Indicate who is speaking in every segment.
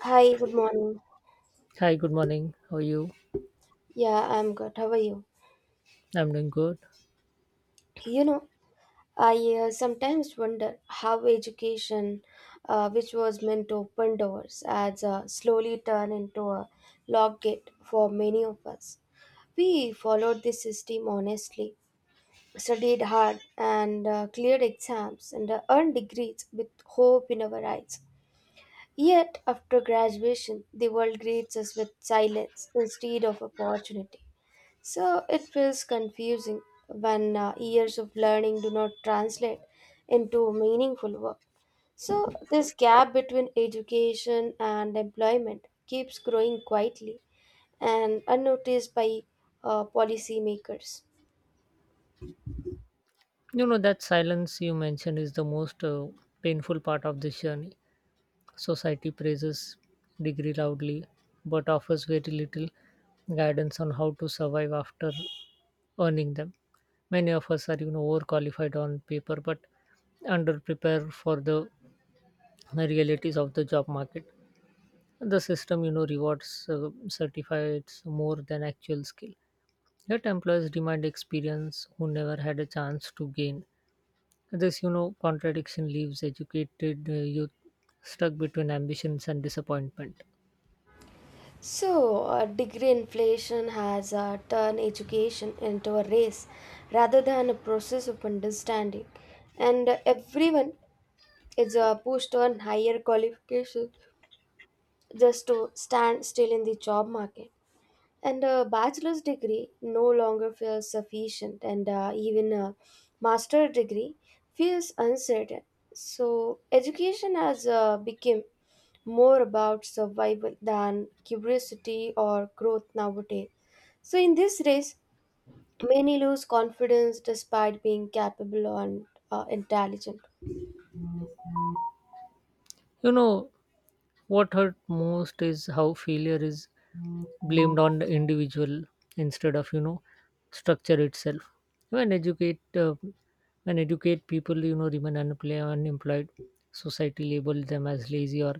Speaker 1: Hi, good morning.
Speaker 2: Hi, good morning. How are you?
Speaker 1: Yeah, I'm good. How are you?
Speaker 2: I'm doing good.
Speaker 1: You know, I sometimes wonder how education, which was meant to open doors, has slowly turned into a locked gate for many of us. We followed this system honestly, studied hard, and cleared exams and earned degrees with hope in our eyes. Yet, after graduation, the world greets us with silence instead of opportunity. So it feels confusing when years of learning do not translate into meaningful work. So this gap between education and employment keeps growing quietly and unnoticed by policymakers.
Speaker 2: That silence you mentioned is the most painful part of this journey. Society praises degree loudly, but offers very little guidance on how to survive after earning them. Many of us are, overqualified on paper, but underprepared for the realities of the job market. The system, rewards certificates more than actual skill. Yet employers demand experience who never had a chance to gain. This, contradiction leaves educated youth stuck between ambitions and disappointment.
Speaker 1: So degree inflation has turned education into a race rather than a process of understanding, and everyone is pushed on higher qualification, just to stand still in the job market. And a bachelor's degree no longer feels sufficient, and even a master's degree feels uncertain. So, education has become more about survival than curiosity or growth nowadays. So, in this race, many lose confidence despite being capable and intelligent.
Speaker 2: You know, what hurt most is how failure is blamed on the individual instead of structure itself. When educate when educate people remain unemployed, society label them as lazy or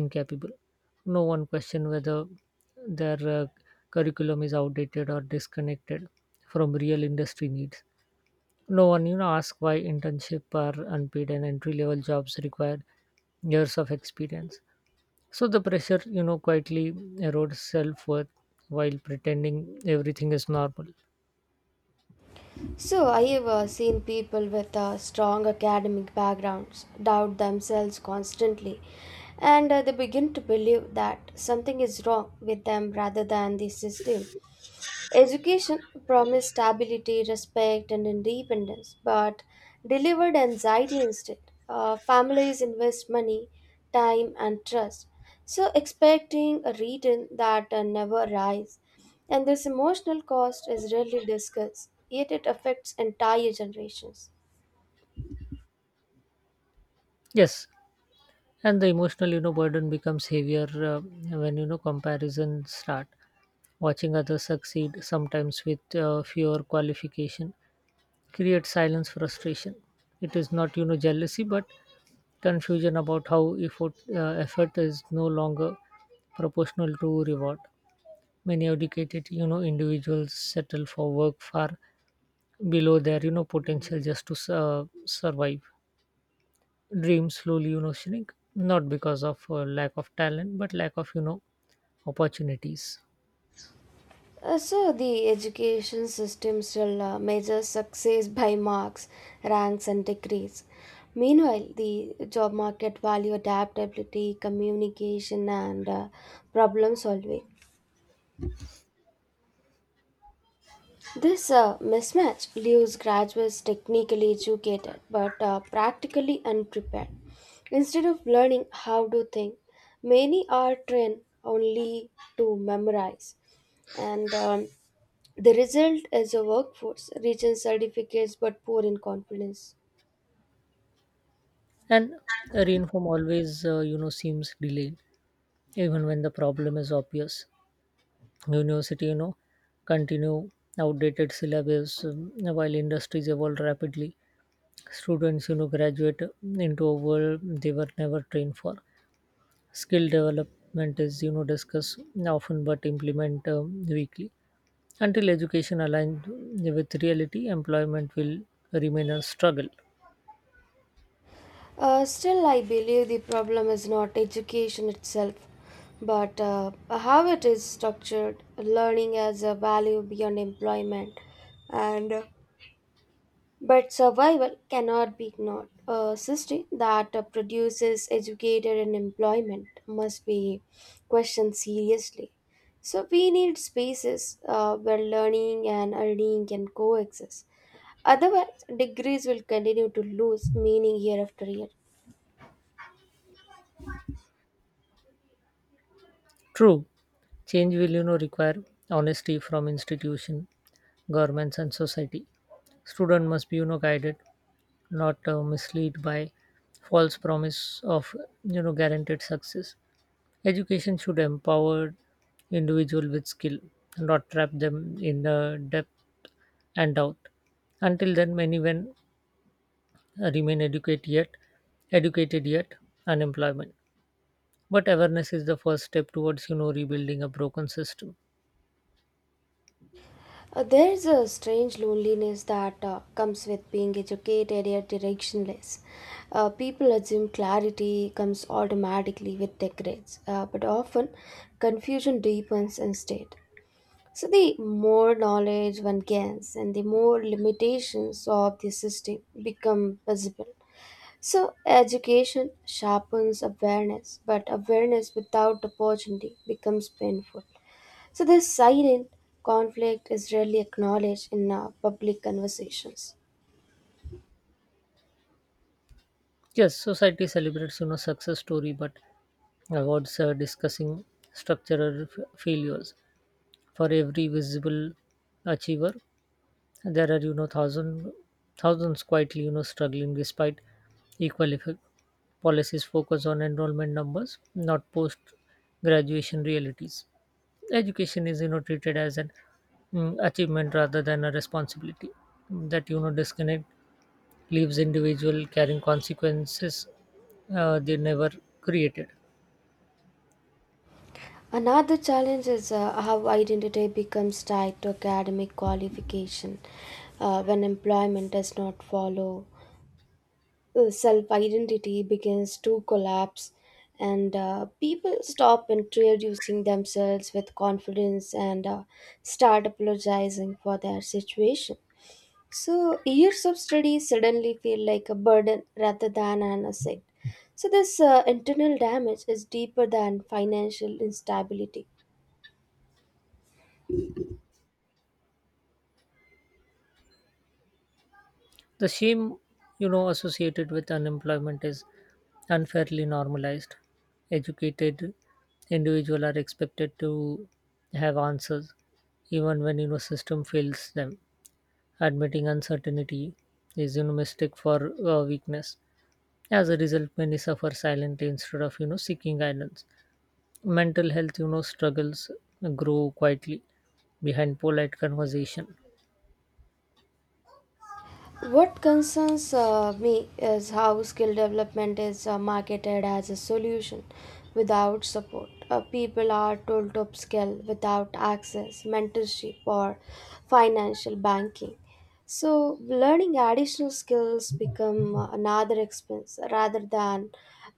Speaker 2: incapable. No one question whether their curriculum is outdated or disconnected from real industry needs. No one ask why internship are unpaid and entry level jobs require years of experience. So the pressure, quietly erodes self worth while pretending everything is normal.
Speaker 1: So, I have seen people with strong academic backgrounds doubt themselves constantly, and they begin to believe that something is wrong with them rather than the system. Education promised stability, respect, and independence, but delivered anxiety instead. Families invest money, time, and trust, so expecting a return that never arrives. And this emotional cost is rarely discussed, yet it affects entire generations.
Speaker 2: Yes, and the emotional, burden becomes heavier when comparisons start. Watching others succeed, sometimes with fewer qualification, creates silence frustration. It is not, jealousy, but confusion about how effort is no longer proportional to reward. Many educated, individuals settle for work far below their potential just to survive. Dreams slowly shrink not because of lack of talent but lack of opportunities.
Speaker 1: So, the education system still measures success by marks, ranks, and degrees. Meanwhile, the job market value adaptability, communication, and problem solving. This mismatch leaves graduates technically educated but practically unprepared. Instead of learning how to think, many are trained only to memorize, and the result is a workforce rich in certificates but poor in confidence.
Speaker 2: And reform always seems delayed even when the problem is obvious. University continue outdated syllabus while industries evolve rapidly. Students graduate into a world they were never trained for. Skill development is discussed often but implement weakly. Until education aligned with reality, employment will remain a struggle.
Speaker 1: Still, I believe the problem is not education itself, but how it is structured, learning as a value beyond employment, and But survival cannot be ignored. A system that produces educated and employment must be questioned seriously. So we need spaces where learning and earning can coexist. Otherwise, degrees will continue to lose meaning year after year.
Speaker 2: True, change will require honesty from institution, governments and society. Student must be guided, not misled by false promise of guaranteed success. Education should empower individual with skill, not trap them in debt and doubt. Until then, many when remain educated yet unemployment. But awareness is the first step towards rebuilding a broken system.
Speaker 1: There's a strange loneliness that comes with being educated yet directionless. People assume clarity comes automatically with their grades, but often confusion deepens instead. So, the more knowledge one gains and the more limitations of the system become visible. So, education sharpens awareness, but awareness without opportunity becomes painful. So, this silent conflict is rarely acknowledged in public conversations.
Speaker 2: Yes, society celebrates success story, but awards discussing structural failures. For every visible achiever, there are thousands quietly struggling despite equal effect. Policies focus on enrollment numbers, not post graduation realities. Education is treated as an achievement rather than a responsibility that disconnect leaves individual carrying consequences they never created.
Speaker 1: Another challenge is how identity becomes tied to academic qualification when employment does not follow. Self identity begins to collapse, and people stop introducing themselves with confidence and start apologizing for their situation. So, years of study suddenly feel like a burden rather than an asset. So, this internal damage is deeper than financial instability.
Speaker 2: The shame associated with unemployment is unfairly normalized. Educated individuals are expected to have answers even when system fails them. Admitting uncertainty is mistake for weakness. As a result, many suffer silently instead of seeking guidance. Mental health struggles grow quietly behind polite conversation.
Speaker 1: What concerns me is how skill development is marketed as a solution without support. People are told to upskill without access, mentorship, or financial banking. So, learning additional skills become another expense rather than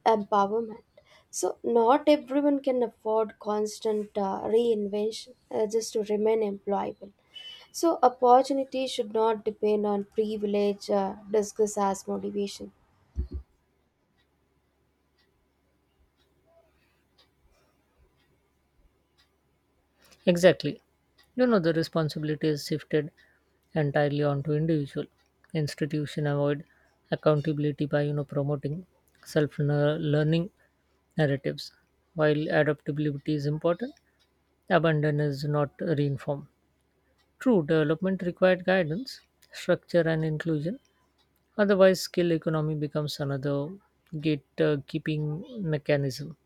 Speaker 1: empowerment. So, not everyone can afford constant reinvention just to remain employable. So, opportunity should not depend on privilege, discuss as motivation.
Speaker 2: Exactly, the responsibility is shifted entirely onto individual. Institution avoid accountability by promoting self-learning narratives. While adaptability is important, abandon is not reinformed. True, development required guidance, structure, and inclusion. Otherwise, skill economy becomes another gatekeeping mechanism.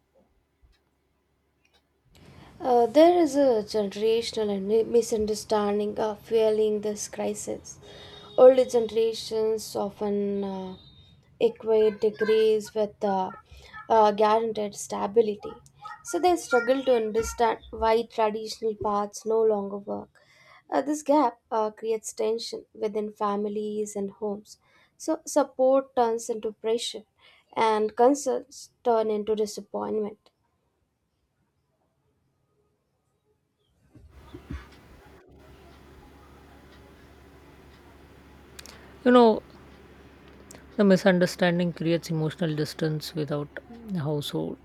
Speaker 1: There is a generational and misunderstanding of fueling this crisis. Older generations often equate degrees with guaranteed stability. So they struggle to understand why traditional paths no longer work. This gap creates tension within families and homes. So support turns into pressure and concerns turn into disappointment.
Speaker 2: You know, the misunderstanding creates emotional distance without a household.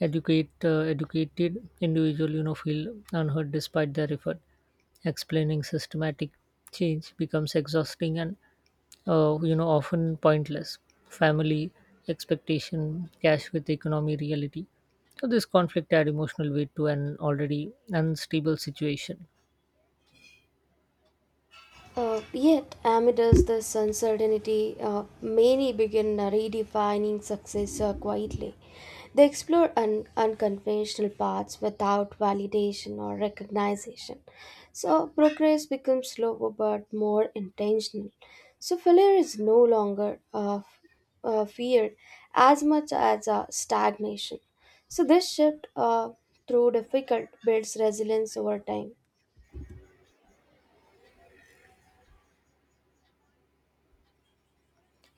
Speaker 2: Educated individual, feel unheard despite their effort. Explaining systematic change becomes exhausting and often pointless. Family expectation clash with economy reality. So this conflict add emotional weight to an already unstable situation.
Speaker 1: Yet, amidst this uncertainty, many begin redefining success quietly. They explore unconventional paths without validation or recognition. So, progress becomes slower but more intentional. So, failure is no longer feared as much as stagnation. So, this shift through difficult builds resilience over time.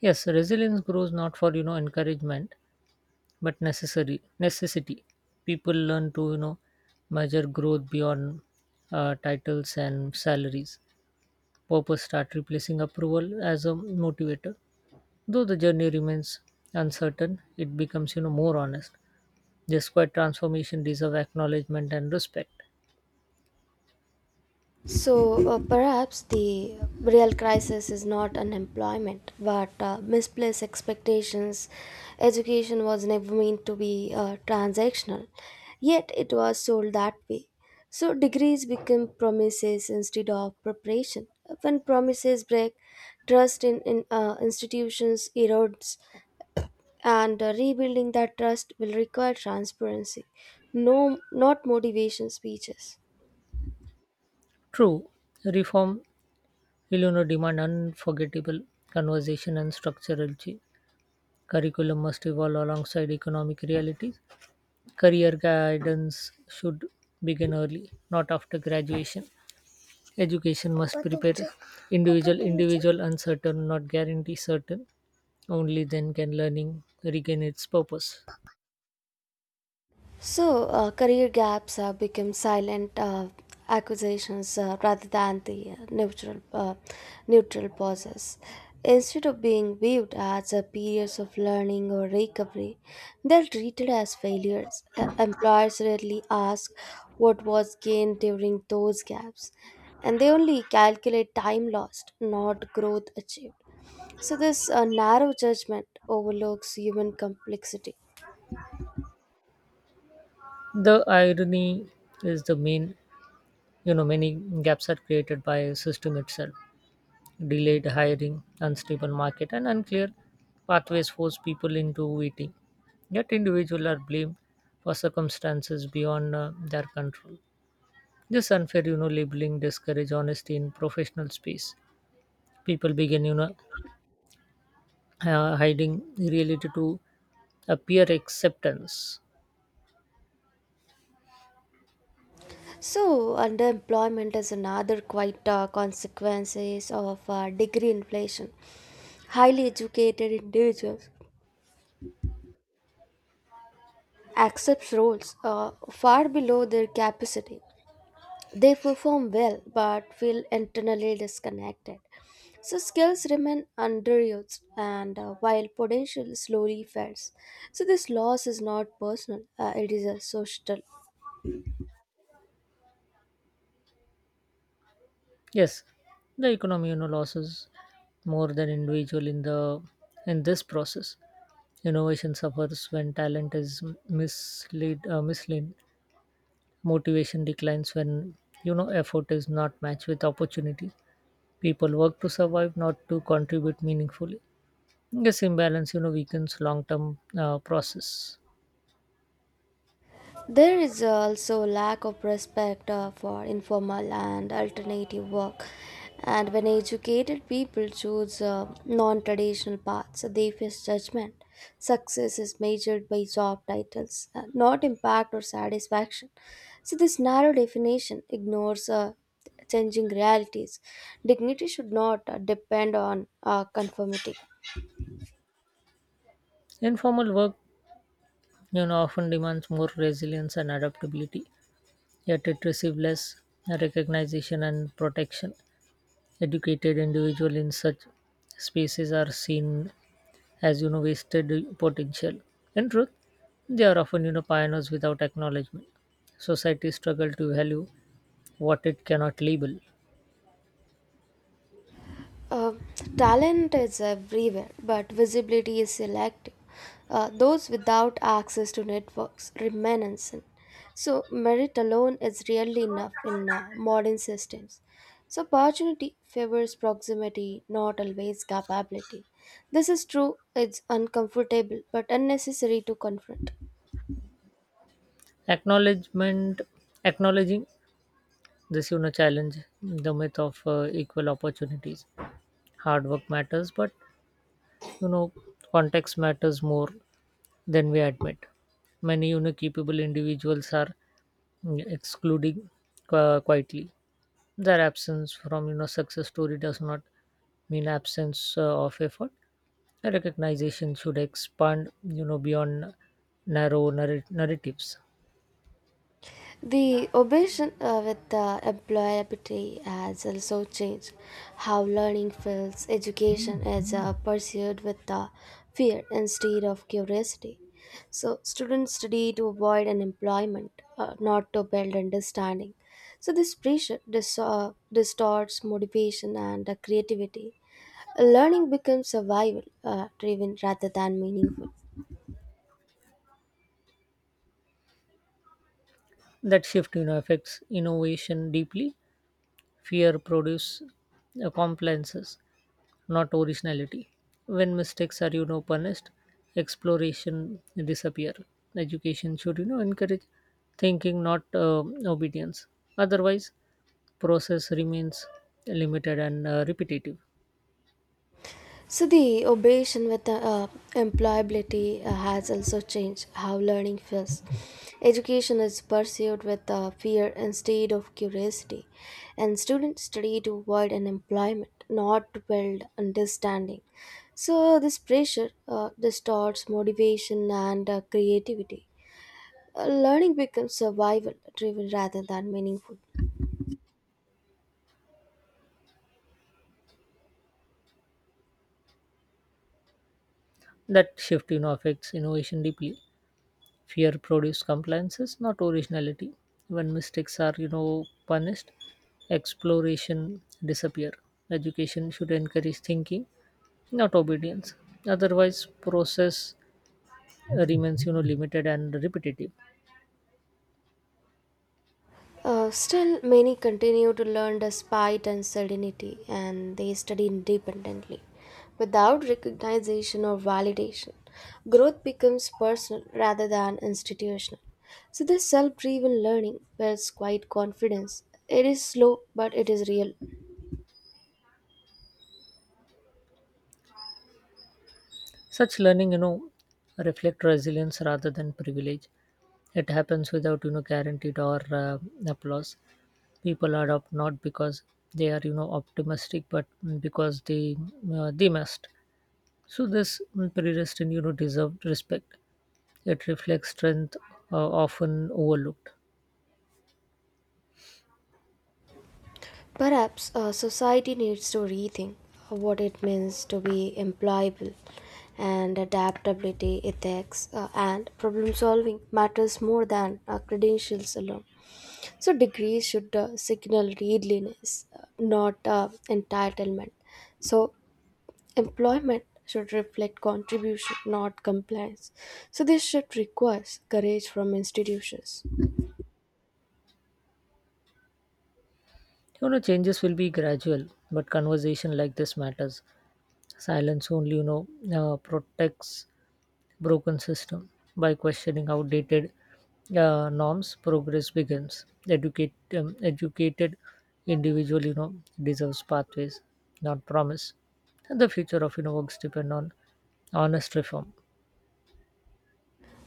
Speaker 2: Yes, resilience grows not for encouragement, but necessary necessity. People learn to measure growth beyond titles and salaries. Purpose start replacing approval as a motivator. Though the journey remains uncertain, it becomes more honest. This quiet transformation deserve acknowledgement and respect.
Speaker 1: So perhaps the real crisis is not unemployment, but misplaced expectations. Education was never meant to be transactional, yet it was sold that way. So degrees become promises instead of preparation. When promises break, trust in institutions erodes, and rebuilding that trust will require transparency. No, not motivation speeches.
Speaker 2: True, reform will demand unforgettable conversation and structural change. Curriculum must evolve alongside economic realities. Career guidance should begin early, not after graduation. Education must prepare individual uncertain, not guarantee certain. Only then can learning regain its purpose.
Speaker 1: So, career gaps become silent accusations rather than the neutral pauses. Instead of being viewed as periods of learning or recovery, they're treated as failures. Employers rarely ask what was gained during those gaps, and they only calculate time lost, not growth achieved. So, this narrow judgment overlooks human complexity.
Speaker 2: The irony is the main many gaps are created by system itself. Delayed hiring, unstable market, and unclear pathways force people into waiting. Yet, individuals are blamed for circumstances beyond their control. This unfair, labeling discourage honesty in professional space. People begin, hiding reality to appear acceptance.
Speaker 1: So, underemployment is another quite consequences of degree inflation. Highly educated individuals accept roles far below their capacity. They perform well but feel internally disconnected. So, skills remain underused and while potential slowly fades. So, this loss is not personal, it is a social.
Speaker 2: Yes, the economy, losses more than individual in this process. Innovation suffers when talent is misled. Motivation declines when effort is not matched with opportunity. People work to survive, not to contribute meaningfully. This imbalance, weakens long-term process.
Speaker 1: There is also lack of respect for informal and alternative work. And when educated people choose non-traditional paths, they face judgment. Success is measured by job titles, not impact or satisfaction. So this narrow definition ignores changing realities. Dignity should not depend on conformity.
Speaker 2: Informal work, often demands more resilience and adaptability, yet it receives less recognition and protection. Educated individuals in such spaces are seen as wasted potential. In truth, they are often pioneers without acknowledgement. Society struggle to value what it cannot label.
Speaker 1: Uh, Talent is everywhere, but visibility is selective. Those without access to networks remain unseen. So, merit alone is rarely enough in modern systems. So, opportunity favors proximity, not always capability. This is true, it's uncomfortable, but unnecessary to confront.
Speaker 2: Acknowledgement, acknowledging this challenge the myth of equal opportunities. Hard work matters, but you know context matters more than we admit. Many capable individuals are excluding quietly. Their absence from success story does not mean absence of effort. A recognition should expand beyond narrow narratives.
Speaker 1: The obsession with employability has also changed how learning feels. Education is pursued with fear instead of curiosity. So, students study to avoid unemployment, not to build understanding. So, this pressure distorts motivation and creativity. Learning becomes survival driven rather than meaningful.
Speaker 2: That shift affects innovation deeply. Fear produce compliances, not originality. When mistakes are punished, exploration disappear. Education should encourage thinking, not obedience. Otherwise, process remains limited and repetitive.
Speaker 1: So the obsession with employability has also changed how learning feels. Education is pursued with fear instead of curiosity, and students study to avoid unemployment, not to build understanding. So this pressure distorts motivation and creativity. Learning becomes survival-driven rather than meaningful.
Speaker 2: That shift, affects innovation deeply. Fear produces compliances, not originality. When mistakes are, punished, exploration disappear. Education should encourage thinking, not obedience. Otherwise, process remains, limited and repetitive.
Speaker 1: Still, many continue to learn despite uncertainty and they study independently without recognition or validation. Growth becomes personal rather than institutional. So, this self driven learning builds quite confidence. It is slow, but it is real.
Speaker 2: Such learning, reflect resilience rather than privilege. It happens without, guaranteed or applause. People adopt not because they are optimistic, but because they must. So this predestined deserved respect. It reflects strength often overlooked.
Speaker 1: Perhaps society needs to rethink what it means to be employable and adaptability, ethics, and problem solving matters more than credentials alone. So, degrees should signal readiness, not entitlement. So, employment should reflect contribution, not compliance. So, this should requires courage from institutions.
Speaker 2: Changes will be gradual, but conversation like this matters. Silence only protects broken system. By questioning outdated norms, progress begins. Educated individual, deserves pathways, not promise. And the future of works depend on honest reform.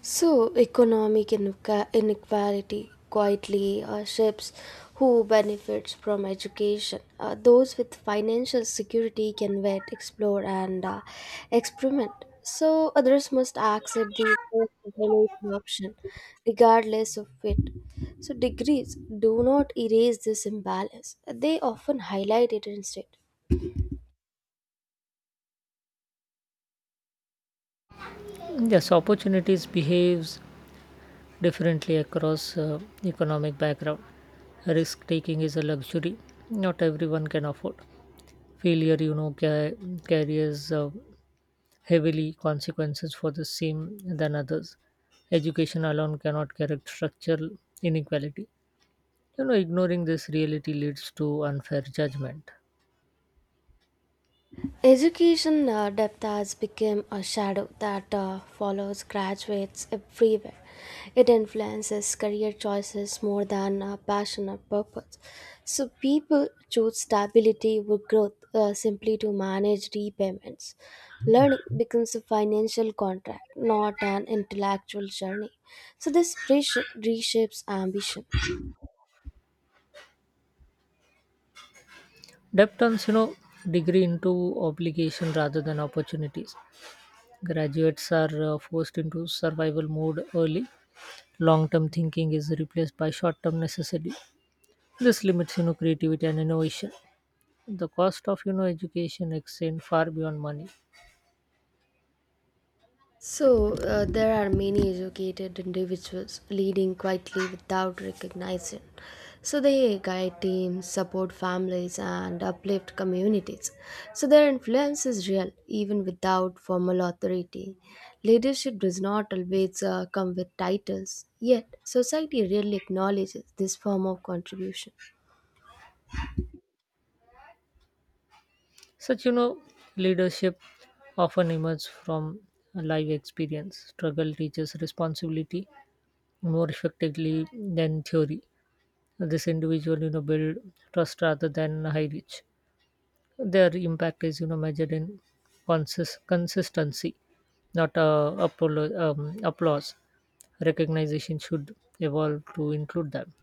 Speaker 1: So, economic inequality quietly shapes who benefits from education. Those with financial security can wait, explore, and experiment. So, others must accept the available option, regardless of it. So, degrees do not erase this imbalance, they often highlight it instead.
Speaker 2: Yes, opportunities behaves differently across economic background. Risk taking is a luxury not everyone can afford. Failure, carries heavily consequences for the same than others. Education alone cannot correct structural inequality. Ignoring this reality leads to unfair judgment.
Speaker 1: Education depth has become a shadow that follows graduates everywhere. It influences career choices more than passion or purpose. So people choose stability over growth simply to manage repayments. Learning becomes a financial contract, not an intellectual journey. So this pressure reshapes ambition.
Speaker 2: Debt turns, degree into obligation rather than opportunities. Graduates are forced into survival mode early. Long-term thinking is replaced by short-term necessity. This limits, creativity and innovation. The cost of, education extend far beyond money.
Speaker 1: So, there are many educated individuals leading quietly without recognition. So, they guide teams, support families, and uplift communities. So, their influence is real, even without formal authority. Leadership does not always come with titles, yet, society rarely acknowledges this form of contribution.
Speaker 2: Such, leadership often emerges from live experience. Struggle teaches responsibility more effectively than theory. This individual, build trust rather than high reach. Their impact is, measured in consistency, not applause. Recognition should evolve to include them.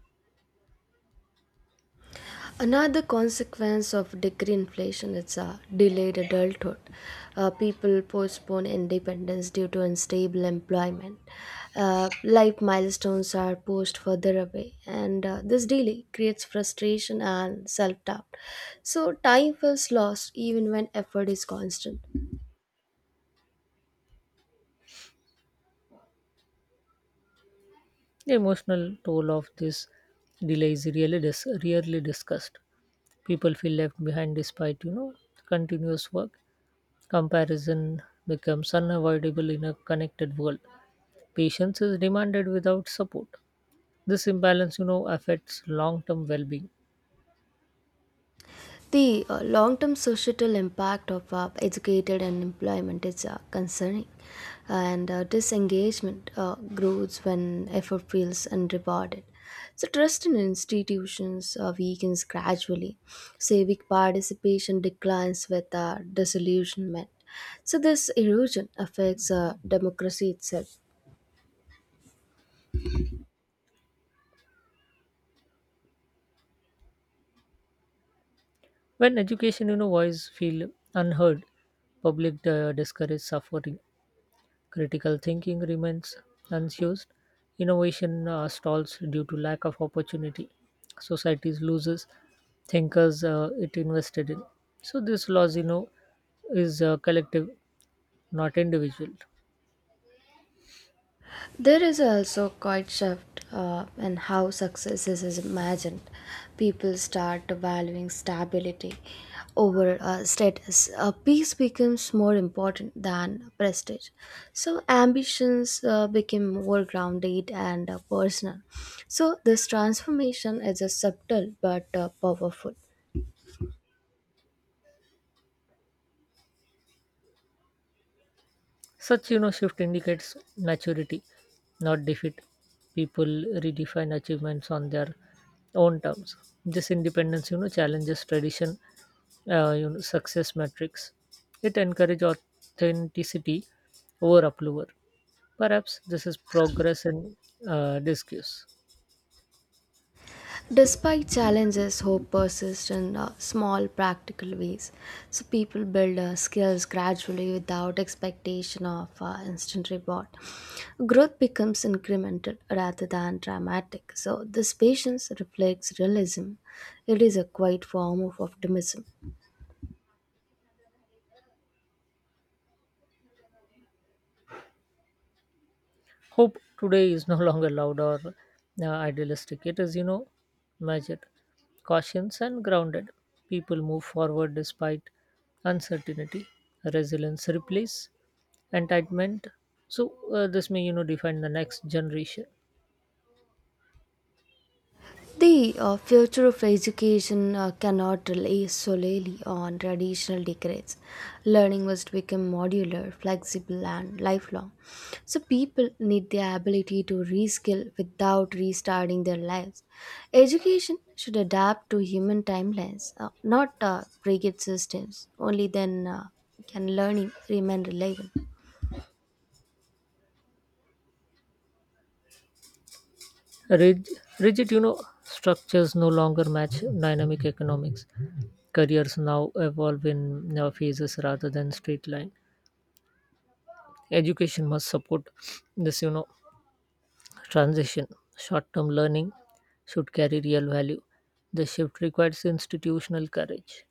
Speaker 1: Another consequence of degree inflation is a delayed adulthood. People postpone independence due to unstable employment. Life milestones are pushed further away, and this delay creates frustration and self doubt. So, time feels lost even when effort is constant.
Speaker 2: The emotional toll of this delay is really rarely discussed. People feel left behind despite continuous work. Comparison becomes unavoidable in a connected world. Patience is demanded without support. This imbalance affects long term well being.
Speaker 1: The long term societal impact of educated unemployment is concerning, and disengagement grows when effort feels unrewarded. So, trust in institutions weakens gradually, civic participation declines with disillusionment. So, this erosion affects democracy itself.
Speaker 2: When education voice feel unheard, public discourage suffering. Critical thinking remains unused, innovation stalls due to lack of opportunity, society loses thinkers it invested in. So this loss, is collective, not individual.
Speaker 1: There is also quite shift in how success is imagined. People start valuing stability over status. Peace becomes more important than prestige. So ambitions become more grounded and personal. So this transformation is a subtle but powerful.
Speaker 2: Such shift indicates maturity, not defeat. People redefine achievements on their own terms. This independence challenges tradition, success metrics. It encourages authenticity over approval. Perhaps this is progress in disguise.
Speaker 1: Despite challenges, hope persists in small, practical ways. So people build skills gradually without expectation of instant reward. Growth becomes incremental rather than dramatic. So this patience reflects realism. It is a quiet form of optimism.
Speaker 2: Hope today is no longer loud or idealistic. It is measured, cautious and grounded. People move forward despite uncertainty. Resilience replaces entitlement. So this may define the next generation.
Speaker 1: The future of education cannot rely solely on traditional degrees. Learning must become modular, flexible, and lifelong. So, people need the ability to reskill without restarting their lives. Education should adapt to human timelines, not rigid systems. Only then can learning remain relevant.
Speaker 2: Rig- rigid structures no longer match dynamic economics. Careers now evolve in phases rather than straight line. Education must support this transition. Short term learning should carry real value. The shift requires institutional courage.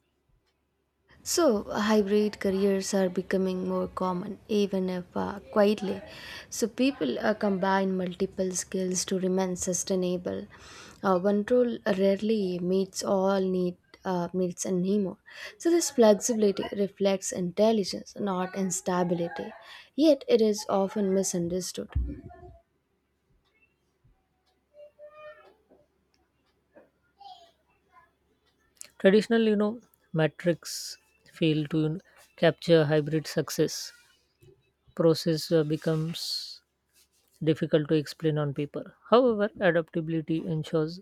Speaker 1: So, hybrid careers are becoming more common, even if quietly. So, people combine multiple skills to remain sustainable. One role rarely meets needs anymore. So, this flexibility reflects intelligence, not instability. Yet, it is often misunderstood.
Speaker 2: Traditional, metrics fail to capture hybrid success. Process becomes difficult to explain on paper. However, adaptability ensures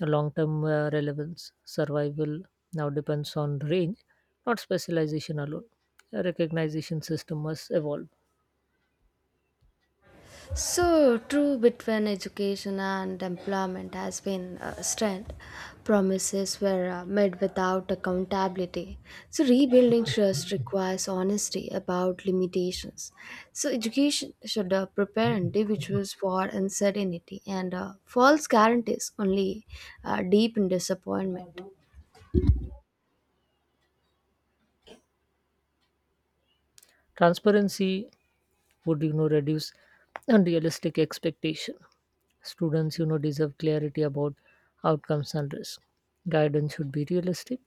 Speaker 2: long term relevance. Survival now depends on range, not specialization alone. A recognition system must evolve.
Speaker 1: So true between education and employment has been strength. Promises were made without accountability. So rebuilding trust requires honesty about limitations. So education should prepare individuals for uncertainty, and false guarantees only deepen disappointment.
Speaker 2: Transparency would reduce unrealistic expectation. Students deserve clarity about outcomes and risk. Guidance should be realistic,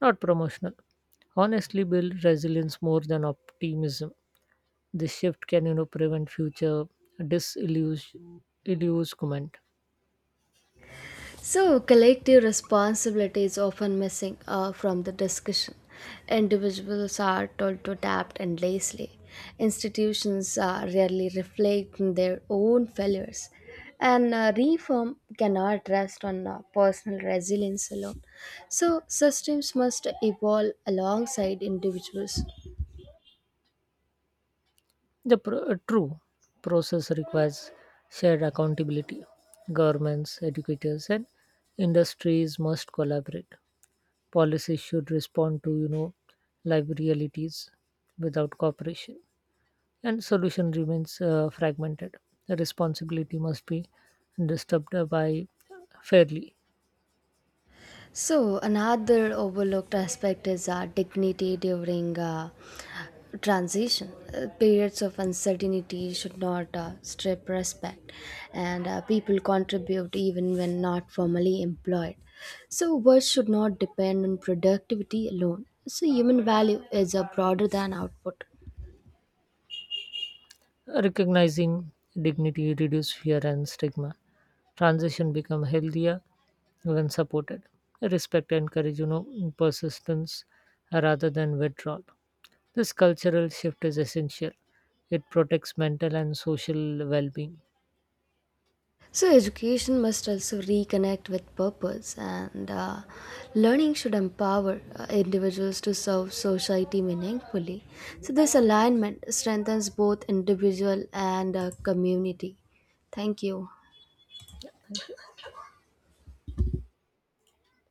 Speaker 2: not promotional. Honestly build resilience more than optimism. This shift can prevent future disillusionment.
Speaker 1: So, collective responsibility is often missing from the discussion. Individuals are told to adapt endlessly. Institutions rarely reflect their own failures. And reform cannot rest on personal resilience alone. So, systems must evolve alongside individuals.
Speaker 2: The true process requires shared accountability. Governments, educators and industries must collaborate. Policies should respond to live realities. Without cooperation, and solution remains fragmented. The responsibility must be disturbed by fairly.
Speaker 1: So, another overlooked aspect is our dignity during transition. Periods of uncertainty should not strip respect, and people contribute even when not formally employed. So, work should not depend on productivity alone. So, human value is broader than output.
Speaker 2: Recognizing dignity reduce fear and stigma. Transition become healthier when supported. Respect and courage persistence rather than withdrawal. This cultural shift is essential. It protects mental and social well-being.
Speaker 1: So, education must also reconnect with purpose, and learning should empower individuals to serve society meaningfully. So, this alignment strengthens both individual and community. Thank you.
Speaker 2: Thank you.